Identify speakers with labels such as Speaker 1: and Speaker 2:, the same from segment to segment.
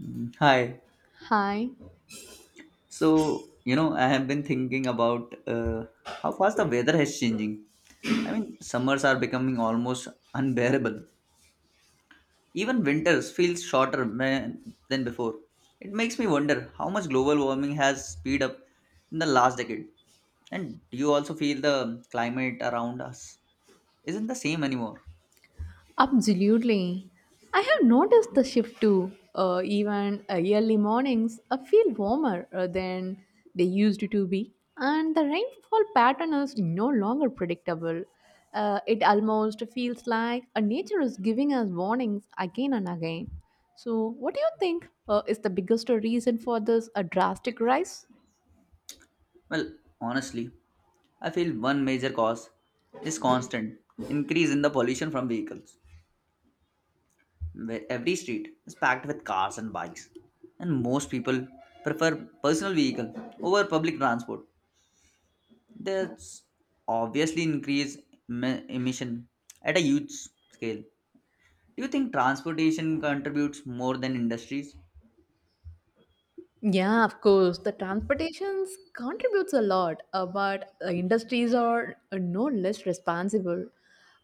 Speaker 1: Mm, hi.
Speaker 2: Hi,
Speaker 1: So, you know, I have been thinking about how fast the weather has changing. I mean, summers are becoming almost unbearable. Even winters feels shorter man, than before. It makes me wonder how much global warming has speed up in the last decade. And do you also feel the climate around us isn't the same anymore?
Speaker 2: absolutely. I have noticed the shift too. Even early mornings feel warmer than they used to be, and the rainfall pattern is no longer predictable. It almost feels like nature is giving us warnings again and again. So, what do you think is the biggest reason for this drastic rise?
Speaker 1: Well, honestly, I feel one major cause is constant increase in the pollution from vehicles. Where every street is packed with cars and bikes, and most people prefer personal vehicle over public transport. That's obviously increase emission at a huge scale. Do you think transportation contributes more than industries?
Speaker 2: Yeah, of course. The transportations contributes a lot, but industries are no less responsible.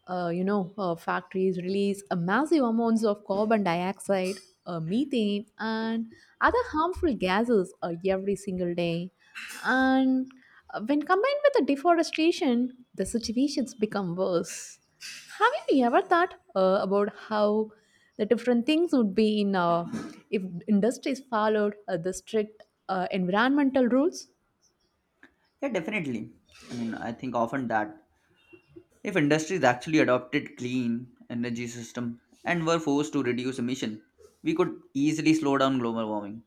Speaker 2: Factories release massive amounts of carbon dioxide, methane, and other harmful gases every single day. And when combined with the deforestation, the situations become worse. Have you ever thought about how the different things would be in if industries followed the strict environmental rules?
Speaker 1: Yeah, definitely. I mean, I think often that if industries actually adopted clean energy system and were forced to reduce emission, we could easily slow down global warming.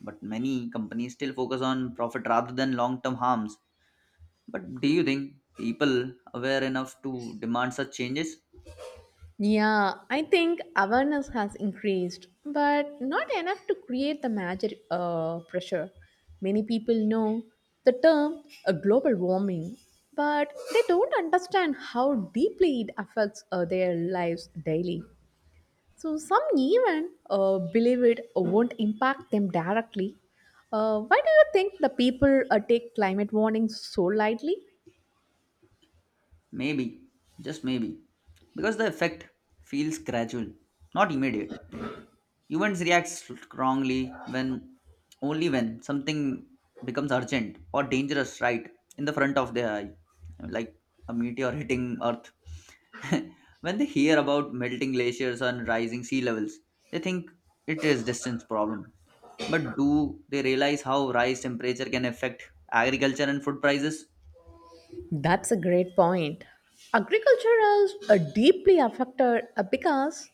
Speaker 1: But many companies still focus on profit rather than long-term harms. But do you think people aware enough to demand such changes?
Speaker 2: Yeah, I think awareness has increased, but not enough to create the major pressure. Many people know the term global warming, but they don't understand how deeply it affects their lives daily. So some even believe it won't impact them directly. Why do you think the people take climate warnings so lightly?
Speaker 1: Maybe, just maybe, because the effect feels gradual, not immediate. Humans react strongly when only when something becomes urgent or dangerous right in the front of their eye, like a meteor hitting Earth. When they hear about melting glaciers and rising sea levels, they think it is distance problem. But do they realize how rise temperature can affect agriculture and food prices?
Speaker 2: That's a great point. Agriculture is deeply affected because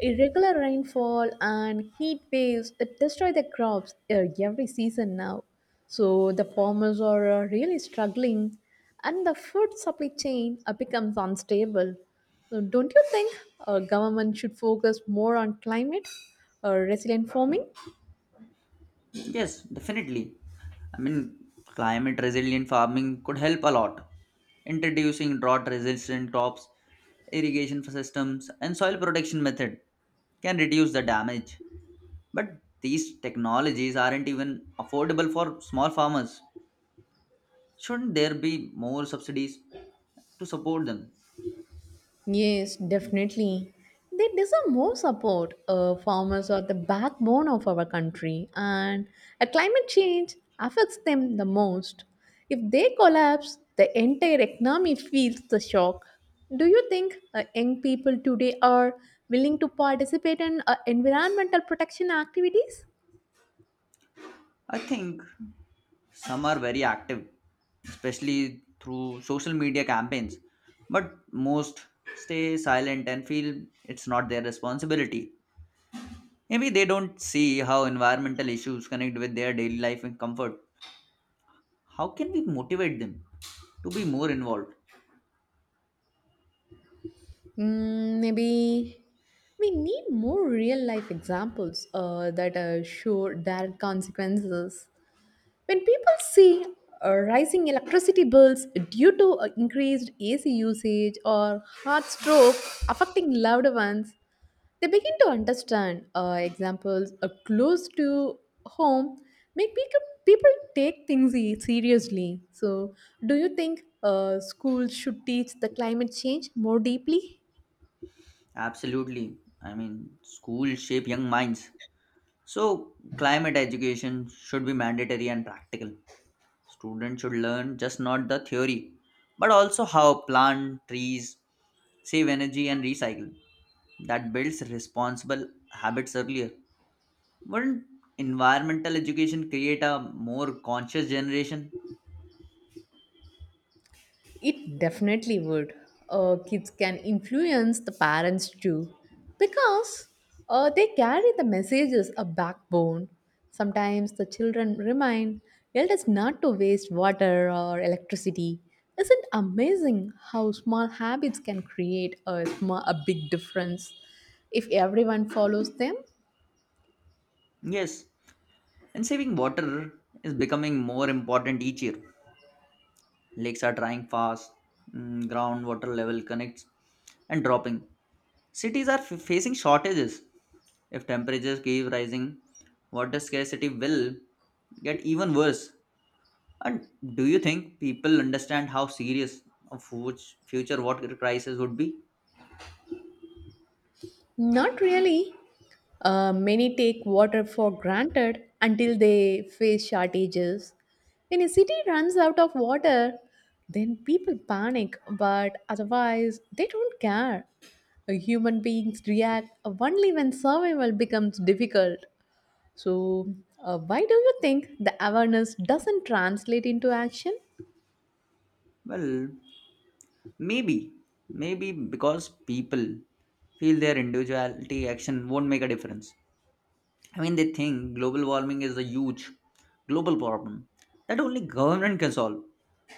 Speaker 2: irregular rainfall and heat waves destroy the crops every season now. So the farmers are really struggling, and the food supply chain becomes unstable. So don't you think government should focus more on climate or resilient farming?
Speaker 1: Yes, definitely. I mean, climate resilient farming could help a lot. Introducing drought resistant crops, irrigation systems, and soil protection method can reduce the damage. But these technologies aren't even affordable for small farmers. Shouldn't there be more subsidies to support them?
Speaker 2: Yes, definitely. They deserve more support. Farmers are the backbone of our country, and a climate change affects them the most. If they collapse, the entire economy feels the shock. Do you think young people today are willing to participate in environmental protection activities?
Speaker 1: I think some are very active, especially through social media campaigns, but most stay silent and feel it's not their responsibility. Maybe they don't see how environmental issues connect with their daily life and comfort. How can we motivate them to be more involved?
Speaker 2: Maybe we need more real life examples that show direct consequences. When people see rising electricity bills due to increased AC usage or heart stroke affecting loved ones, they begin to understand examples close to home make people take things seriously. So, do you think schools should teach the climate change more deeply?
Speaker 1: Absolutely, I mean schools shape young minds, so climate education should be mandatory and practical. Students should learn just not the theory, but also how plant trees, save energy, and recycle. That builds responsible habits earlier. Wouldn't environmental education create a more conscious generation?
Speaker 2: It definitely would. Kids can influence the parents too because they carry the messages a backbone. Sometimes the children remind elders not to waste water or electricity. Isn't amazing how small habits can create a big difference if everyone follows them?
Speaker 1: Yes. And saving water is becoming more important each year. Lakes are drying fast, mm, groundwater level connects and dropping. Cities are facing shortages. If temperatures keep rising, water scarcity will get even worse. And do you think people understand how serious a fu- future water crisis would be?
Speaker 2: Not really. Many take water for granted until they face shortages. When a city runs out of water, then people panic, but otherwise, they don't care. Human beings react only when survival becomes difficult. So, why do you think the awareness doesn't translate into action?
Speaker 1: Well, maybe. Maybe because people feel their individuality action won't make a difference. I mean, they think global warming is a huge global problem that only government can solve.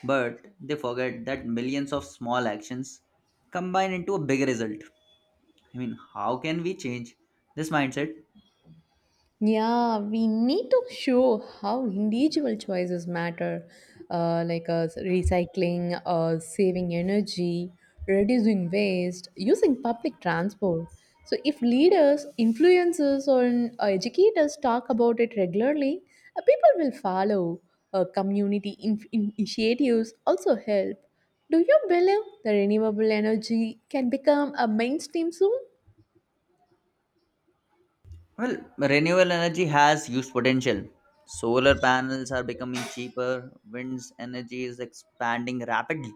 Speaker 1: But they forget that millions of small actions combine into a big result. I mean, how can we change this mindset?
Speaker 2: Yeah, we need to show how individual choices matter, like recycling, saving energy, reducing waste, using public transport. So, if leaders, influencers, or educators talk about it regularly, people will follow. Community initiatives also help. Do you believe the renewable energy can become a mainstream soon?
Speaker 1: Well, renewable energy has huge potential. Solar panels are becoming cheaper, wind's energy is expanding rapidly.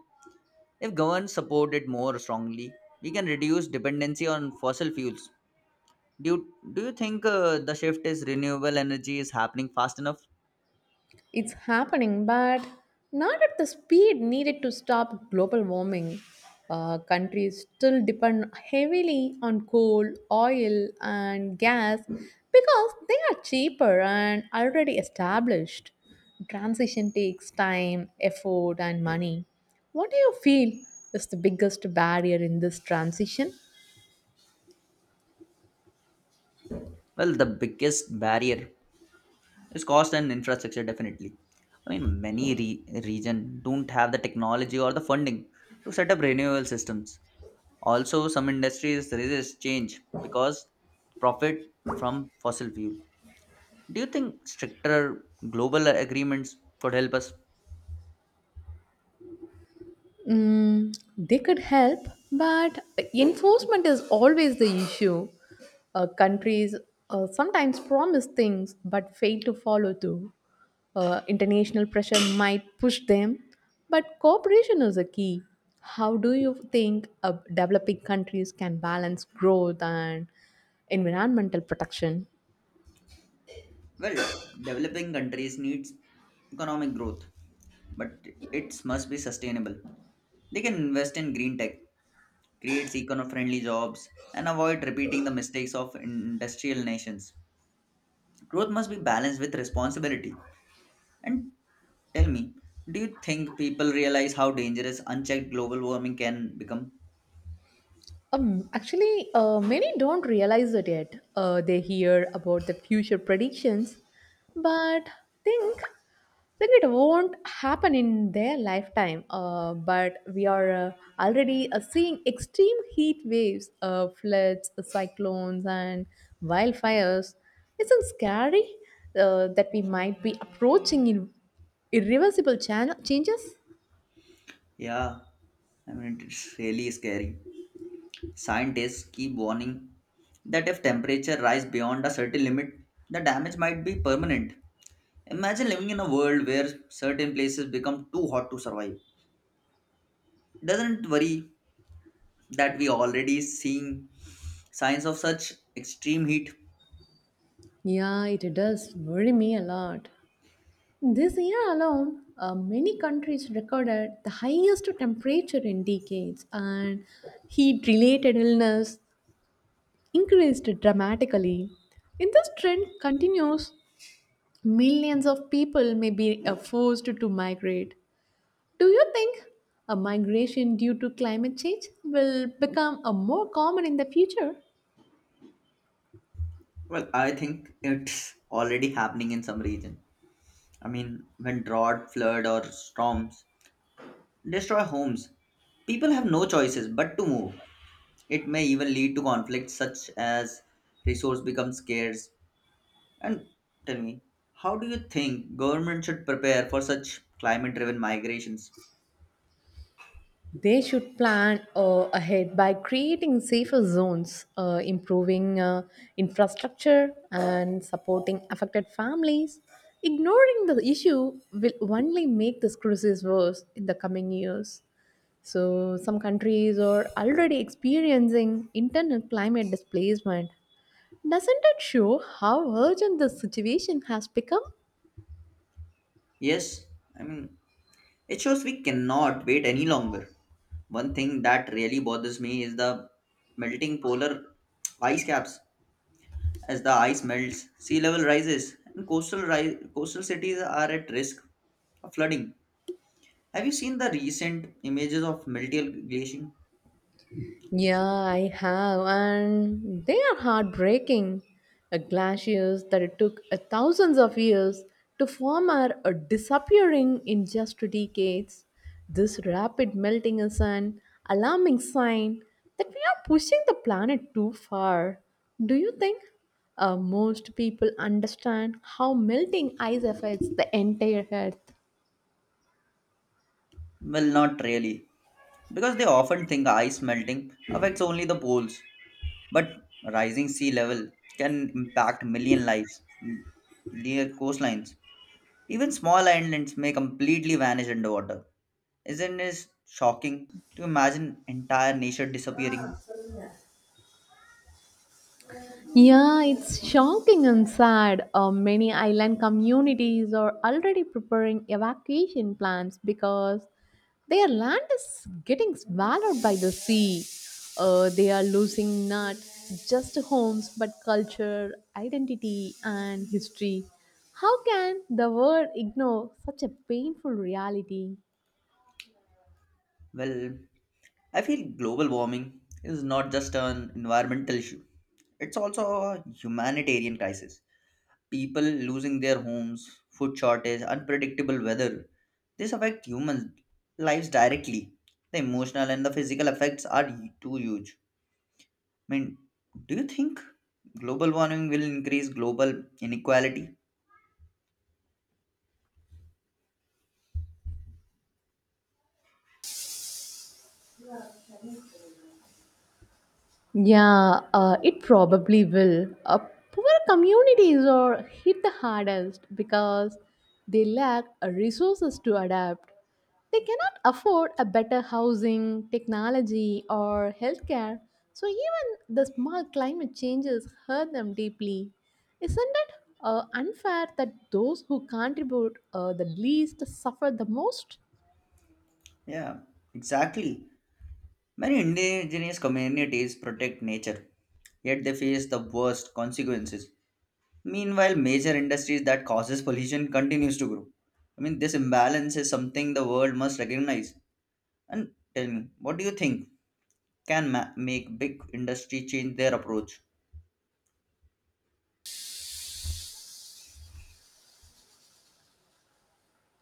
Speaker 1: If governments support it more strongly, we can reduce dependency on fossil fuels. Do you think the shift is renewable energy is happening fast enough?
Speaker 2: It's happening, but not at the speed needed to stop global warming. Countries still depend heavily on coal, oil, and gas because they are cheaper and already established. Transition takes time, effort, and money. What do you feel is the biggest barrier in this transition?
Speaker 1: Well, the biggest barrier is cost and infrastructure definitely. I mean many region don't have the technology or the funding to set up renewable systems. Also some industries resist change because profit from fossil fuel. Do you think stricter global agreements could help us?
Speaker 2: They could help, but enforcement is always the issue. Countries sometimes promise things but fail to follow through. International pressure might push them, but cooperation is a key. How do you think developing countries can balance growth and environmental protection?
Speaker 1: Well, developing countries needs economic growth, but it must be sustainable. They can invest in green tech, create eco-friendly jobs, and avoid repeating the mistakes of industrial nations. Growth must be balanced with responsibility. And tell me, do you think people realize how dangerous unchecked global warming can become?
Speaker 2: Actually, many don't realize it yet. They hear about the future predictions, but think that it won't happen in their lifetime. But we are already seeing extreme heat waves, floods, cyclones, and wildfires. Isn't scary that we might be approaching in irreversible changes?
Speaker 1: Yeah, I mean it's really scary. Scientists keep warning that if temperature rise beyond a certain limit, the damage might be permanent. Imagine living in a world where certain places become too hot to survive. Doesn't worry that we already seeing signs of such extreme heat?
Speaker 2: Yeah, it does worry me a lot. This year alone, many countries recorded the highest temperature in decades, and heat related illness increased dramatically. If this trend continues, millions of people may be forced to migrate. Do you think a migration due to climate change will become a more common in the future?
Speaker 1: Well, I think it's already happening in some region. I mean, when drought, flood, or storms destroy homes, people have no choices but to move. It may even lead to conflicts such as resource becomes scarce. And tell me, how do you think government should prepare for such climate driven migrations?
Speaker 2: They should plan ahead by creating safer zones, improving infrastructure, and supporting affected families. Ignoring the issue will only make this crisis worse in the coming years. So, some countries are already experiencing internal climate displacement. Doesn't it show how urgent the situation has become?
Speaker 1: Yes, I mean, it shows we cannot wait any longer. One thing that really bothers me is the melting polar ice caps. As the ice melts, sea level rises, and coastal, coastal cities are at risk of flooding. Have you seen the recent images of melting glacier?
Speaker 2: Yeah, I have, and they are heartbreaking. Glaciers that it took thousands of years to form are disappearing in just 2 decades. This rapid melting is an alarming sign that we are pushing the planet too far. Do you think most people understand how melting ice affects the entire Earth?
Speaker 1: Well, not really, because they often think ice melting affects only the poles, but rising sea level can impact million lives near coastlines. Even small islands may completely vanish underwater. Isn't it shocking to imagine entire nature disappearing?
Speaker 2: Yeah, it's shocking and sad. Many island communities are already preparing evacuation plans because their land is getting swallowed by the sea. They are losing not just homes but culture, identity, and history. How can the world ignore such a painful reality?
Speaker 1: Well, I feel global warming is not just an environmental issue, it's also a humanitarian crisis. People losing their homes, food shortage, unpredictable weather. This affect humans' lives directly. The emotional and the physical effects are too huge. I mean, do you think global warming will increase global inequality?
Speaker 2: Yeah, it probably will. Poor communities are hit the hardest because they lack resources to adapt. They cannot afford a better housing, technology, or healthcare, so even the small climate changes hurt them deeply. Isn't it unfair that those who contribute the least suffer the most?
Speaker 1: Yeah, exactly. Many indigenous communities protect nature, yet they face the worst consequences. Meanwhile, major industries that causes pollution continues to grow. I mean, this imbalance is something the world must recognize. And tell me, what do you think can make big industry change their approach?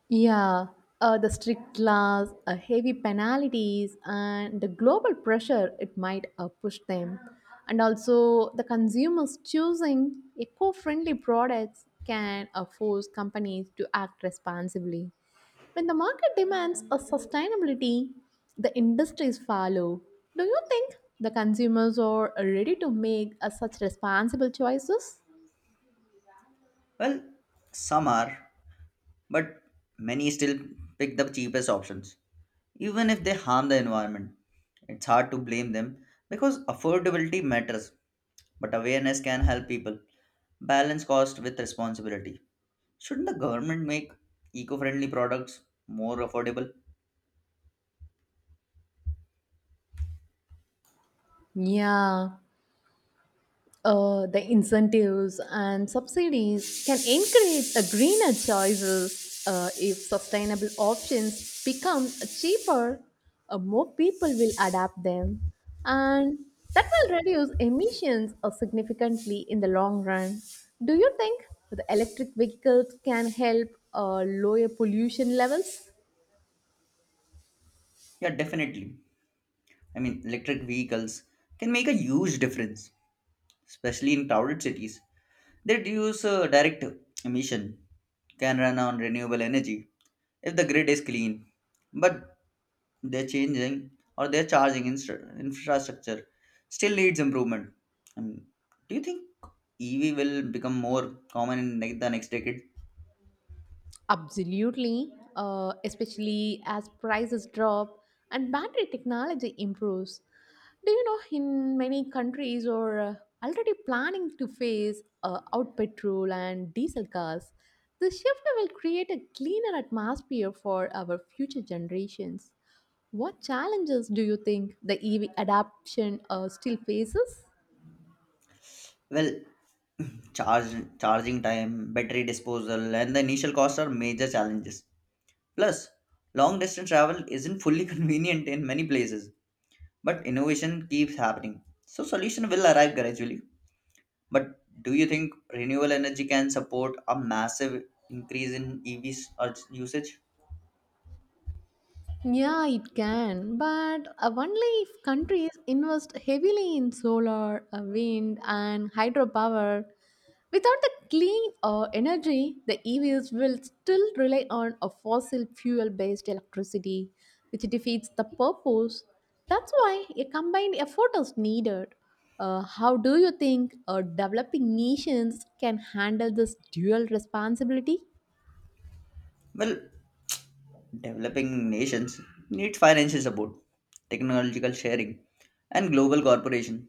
Speaker 2: Yeah, the strict laws, heavy penalties, and the global pressure it might push them. And also, the consumers choosing eco friendly products can force companies to act responsibly. When the market demands a sustainability, the industries follow. Do you think the consumers are ready to make such responsible choices?
Speaker 1: Well, some are, but many still pick the cheapest options, even if they harm the environment. It's hard to blame them because affordability matters, but awareness can help people balance cost with responsibility. Shouldn't the government make eco friendly products more affordable?
Speaker 2: Yeah, the incentives and subsidies can encourage a greener choices if sustainable options become cheaper, more people will adapt them, and that will reduce emissions significantly in the long run. Do you think the electric vehicles can help lower pollution levels?
Speaker 1: Yeah, definitely. I mean, electric vehicles can make a huge difference, especially in crowded cities. They reduce direct emission, can run on renewable energy if the grid is clean, but their changing or their charging infrastructure still needs improvement. Um, do you think ev will become more common in the next decade?
Speaker 2: Absolutely, especially as prices drop and battery technology improves. Do you know in many countries are already planning to phase out petrol and diesel cars? The shift will create a cleaner atmosphere for our future generations. What challenges do you think the EV adoption still faces?
Speaker 1: Well, charge charging time, battery disposal, and the initial costs are major challenges. Plus long distance travel isn't fully convenient in many places, but innovation keeps happening. So solution will arrive gradually. But do you think renewable energy can support a massive increase in EVs or usage?
Speaker 2: Yeah, it can, but only if countries invest heavily in solar, wind, and hydropower. Without the clean energy, the EVs will still rely on a fossil fuel based electricity, which defeats the purpose. That's why a combined effort is needed. How do you think developing nations can handle this dual responsibility?
Speaker 1: Well, developing nations need financial support, technological sharing, and global cooperation.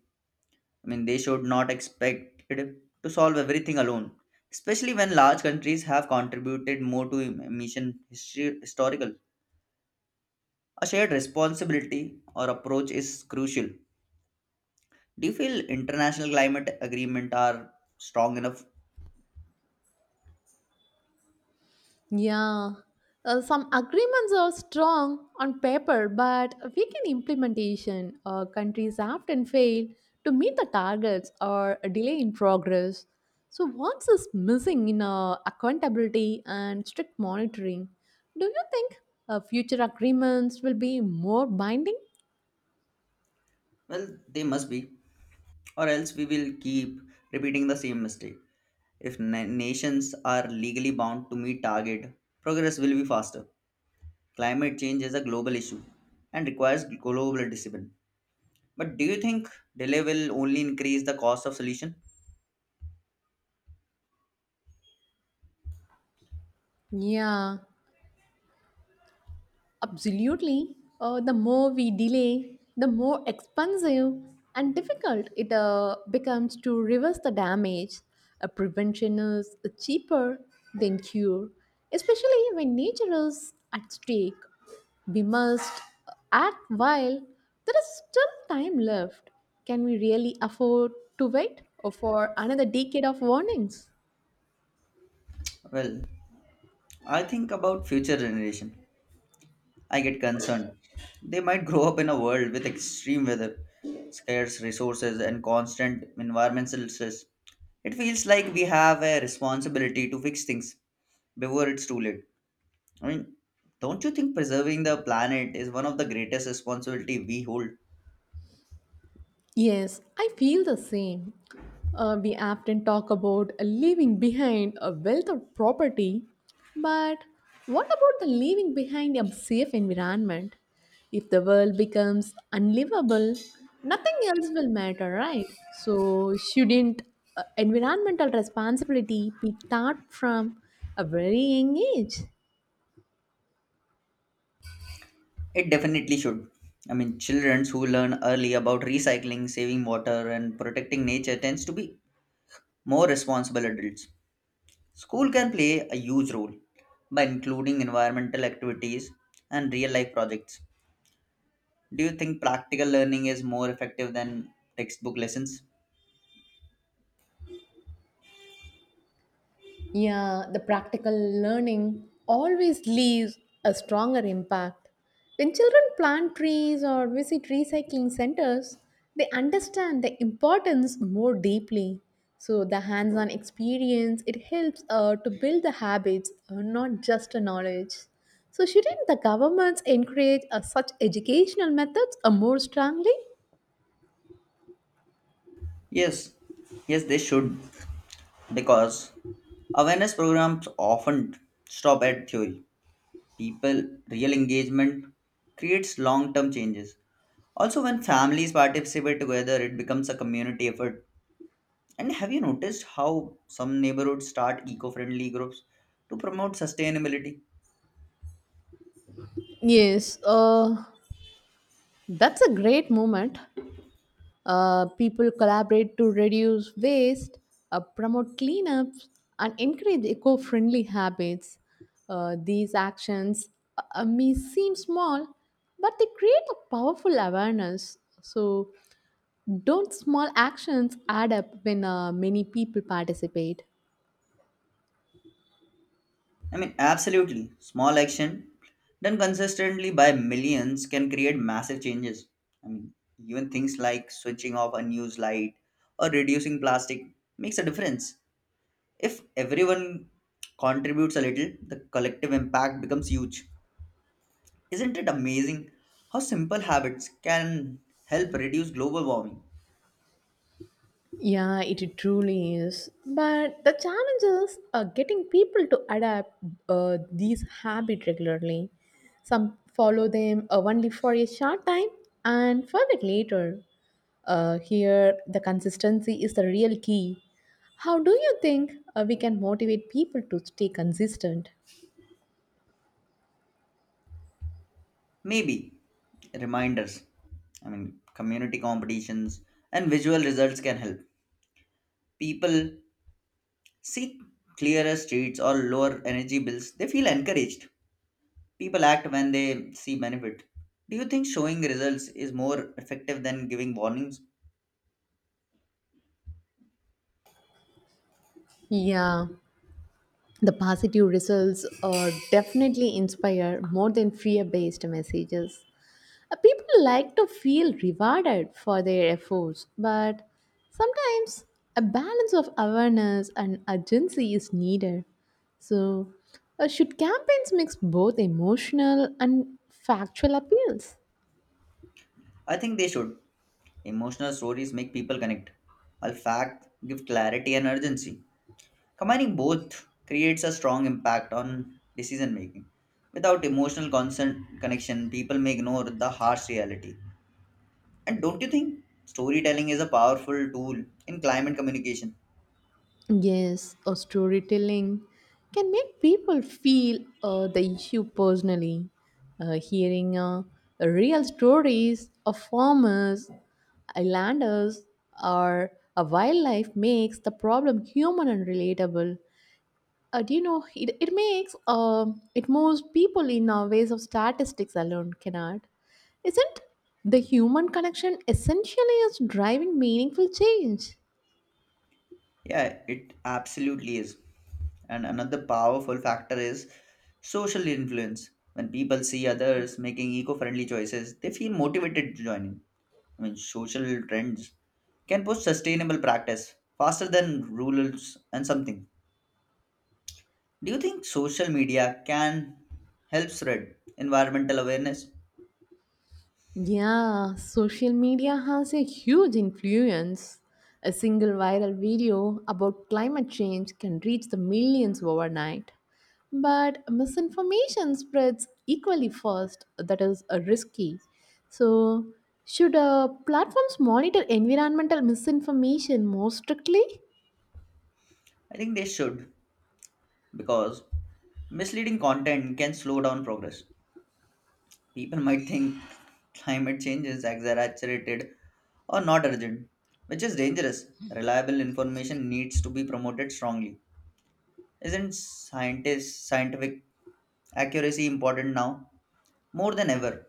Speaker 1: I mean, they should not expect it to solve everything alone, especially when large countries have contributed more to emission historical. A shared responsibility or approach is crucial. Do you feel international climate agreement are strong enough?
Speaker 2: Yeah, some agreements are strong on paper, but weak in implementation. Countries often fail to meet the targets or a delay in progress. So, what is missing in accountability and strict monitoring? Do you think future agreements will be more binding?
Speaker 1: Well, they must be, or else we will keep repeating the same mistake. If nations are legally bound to meet target, progress will be faster. Climate change is a global issue and requires global discipline. But do you think delay will only increase the cost of solution?
Speaker 2: Yeah, absolutely. The more we delay, the more expensive and difficult it becomes to reverse the damage. A prevention is cheaper than cure, especially when nature is at stake. We must act while there is still time left. Can we really afford to wait for another decade of warnings?
Speaker 1: Well, I think about future generation. I get concerned. They might grow up in a world with extreme weather, scarce resources, and constant environmental stress. It feels like we have a responsibility to fix things before it's too late. I mean, don't you think preserving the planet is one of the greatest responsibility we hold?
Speaker 2: Yes, I feel the same. We often talk about leaving behind a wealth of property, but what about the leaving behind a safe environment? If the world becomes unlivable, nothing else will matter, right? So, shouldn't environmental responsibility be taught from a very young age?
Speaker 1: It definitely should. I mean, children who learn early about recycling, saving water, and protecting nature tends to be more responsible adults. School can play a huge role by including environmental activities and real life projects. Do you think practical learning is more effective than textbook lessons?
Speaker 2: Yeah, the practical learning always leaves a stronger impact. When children plant trees or visit recycling centers, they understand the importance more deeply. So the hands-on experience it helps to build the habits, not just the knowledge. So shouldn't the governments encourage such educational methods more strongly?
Speaker 1: Yes, yes, they should, because awareness programs often stop at theory. People, real engagement creates long term changes. Also, when families participate together, it becomes a community effort. And have you noticed how some neighborhoods start eco friendly groups to promote sustainability?
Speaker 2: Yes, that's a great moment. People collaborate to reduce waste, promote cleanups, and encourage eco friendly habits. These actions may seem small, but they create a powerful awareness. So, don't small actions add up when many people participate?
Speaker 1: I mean, absolutely. Small action done consistently by millions can create massive changes. I mean, even things like switching off a news light or reducing plastic makes a difference. If everyone contributes a little, the collective impact becomes huge. Isn't it amazing how simple habits can help reduce global warming?
Speaker 2: Yeah, it truly is. But the challenge is getting people to adapt these habits regularly. Some follow them only for a short time and forget later. Here, the consistency is the real key. How do you think we can motivate people to stay consistent?
Speaker 1: Maybe reminders, I mean, community competitions and visual results can help. People see clearer streets or lower energy bills, they feel encouraged. People act when they see benefit. Do you think showing results is more effective than giving warnings?
Speaker 2: Yeah, the positive results are definitely inspire more than fear based messages. People like to feel rewarded for their efforts, but sometimes a balance of awareness and urgency is needed. So, should campaigns mix both emotional and factual appeals?
Speaker 1: I think they should. Emotional stories make people connect, while fact give clarity and urgency. Combining both creates a strong impact on decision making. Without emotional consent connection, people may ignore the harsh reality. And don't you think storytelling is a powerful tool in climate communication?
Speaker 2: Yes, or storytelling can make people feel the issue personally. Hearing real stories of farmers, islanders, or a wildlife makes the problem human and relatable. Do you know it moves people in ways of statistics alone cannot. Isn't the human connection essentially is driving meaningful change?
Speaker 1: Yeah, it absolutely is. And another powerful factor is social influence. When people see others making eco friendly choices, they feel motivated to join in. I mean, social trends can push sustainable practice faster than rules and something. Do you think social media can help spread environmental awareness?
Speaker 2: Yeah, social media has a huge influence. A single viral video about climate change can reach the millions overnight. But misinformation spreads equally fast, that is risky. So, should platforms monitor environmental misinformation more strictly?
Speaker 1: I think they should because misleading content can slow down progress. People might think climate change is exaggerated or not urgent, which is dangerous. Reliable information needs to be promoted strongly. Isn't scientist scientific accuracy important now more than ever?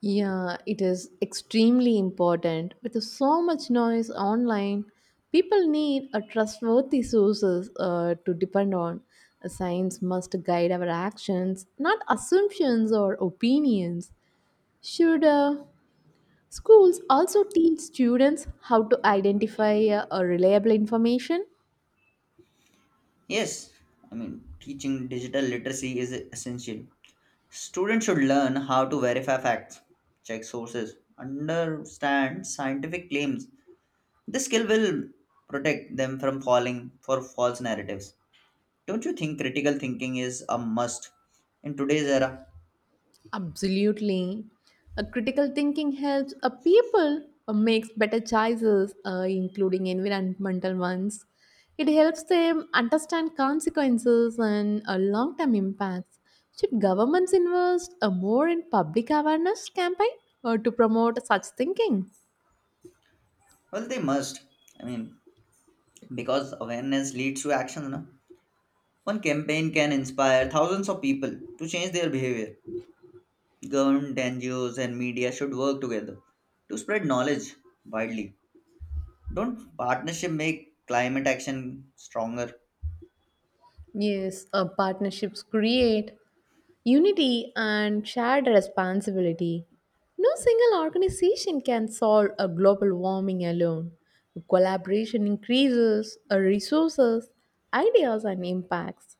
Speaker 2: Yeah, it is extremely important. With so much noise online, people need a trustworthy sources to depend on. Science must guide our actions, not assumptions or opinions. Should schools also teach students how to identify a reliable information?
Speaker 1: Yes, I mean teaching digital literacy is essential. Students should learn how to verify facts, check sources, understand scientific claims. This skill will protect them from falling for false narratives. Don't you think critical thinking is a must in today's era?
Speaker 2: Absolutely. A critical thinking helps a people makes better choices, including environmental ones. It helps them understand consequences and long-term impacts. Should governments invest more in public awareness campaign to promote such thinking?
Speaker 1: Well, they must. I mean, because awareness leads to action. No? One campaign can inspire thousands of people to change their behavior. Government, NGOs, and media should work together to spread knowledge widely. Don't partnership make climate action stronger?
Speaker 2: Yes, partnerships create unity and shared responsibility. No single organization can solve a global warming alone. Collaboration increases resources, ideas, and impacts.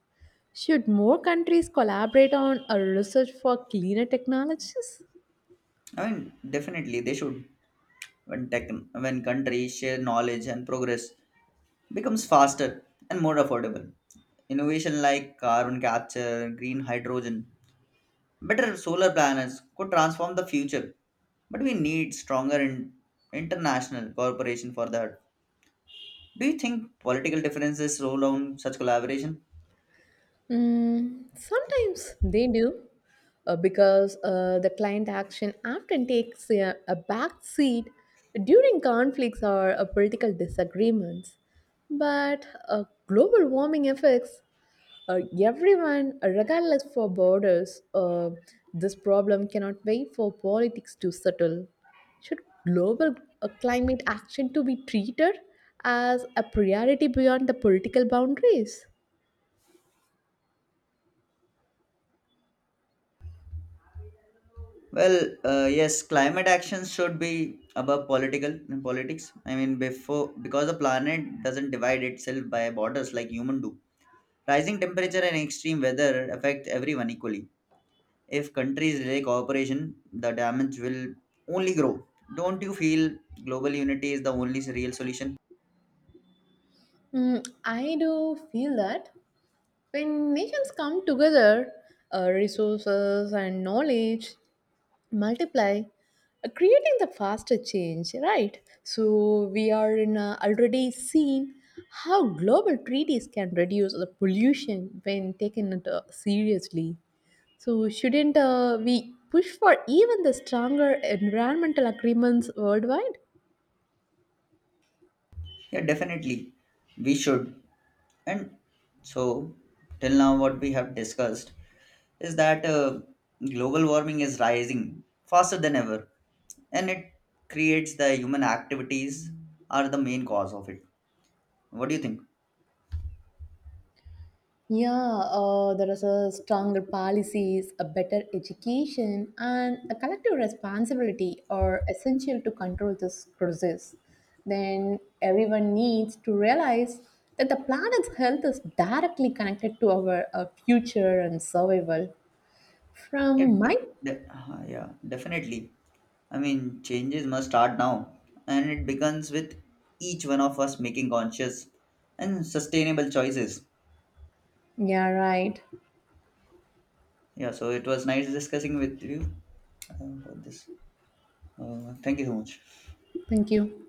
Speaker 2: Should more countries collaborate on a research for cleaner technologies?
Speaker 1: I mean, definitely they should. When countries share knowledge and progress, becomes faster and more affordable. Innovation like carbon capture, green hydrogen, better solar panels could transform the future, but we need stronger international cooperation for that. Do you think political differences roll on such collaboration?
Speaker 2: Sometimes they do because the client action often takes a back seat during conflicts or political disagreements. But global warming affects everyone, regardless for borders. This problem cannot wait for politics to settle. Should global climate action to be treated as a priority beyond the political boundaries?
Speaker 1: Well, yes, climate actions should be above political and politics. I mean, before because the planet doesn't divide itself by borders like human do. Rising temperature and extreme weather affect everyone equally. If countries delay cooperation, the damage will only grow. Don't you feel global unity is the only real solution?
Speaker 2: I do feel that when nations come together, resources and knowledge multiply, creating the faster change, right? So we are already seen how global treaties can reduce the pollution when taken it, seriously. So shouldn't we push for even the stronger environmental agreements worldwide?
Speaker 1: Yeah, definitely. We should. And so, till now, what we have discussed is that global warming is rising faster than ever, and it creates the human activities are the main cause of it. What do you think?
Speaker 2: Yeah, there is a stronger policies, a better education, and a collective responsibility are essential to control this crisis. Then everyone needs to realize that the planet's health is directly connected to our future and survival.
Speaker 1: Yeah,
Speaker 2: From
Speaker 1: de-
Speaker 2: my,
Speaker 1: yeah, definitely. I mean, changes must start now, and it begins with each one of us making conscious and sustainable choices.
Speaker 2: yeah, right.
Speaker 1: Yeah, so it was nice discussing with you about this. Thank you so much.
Speaker 2: Thank you.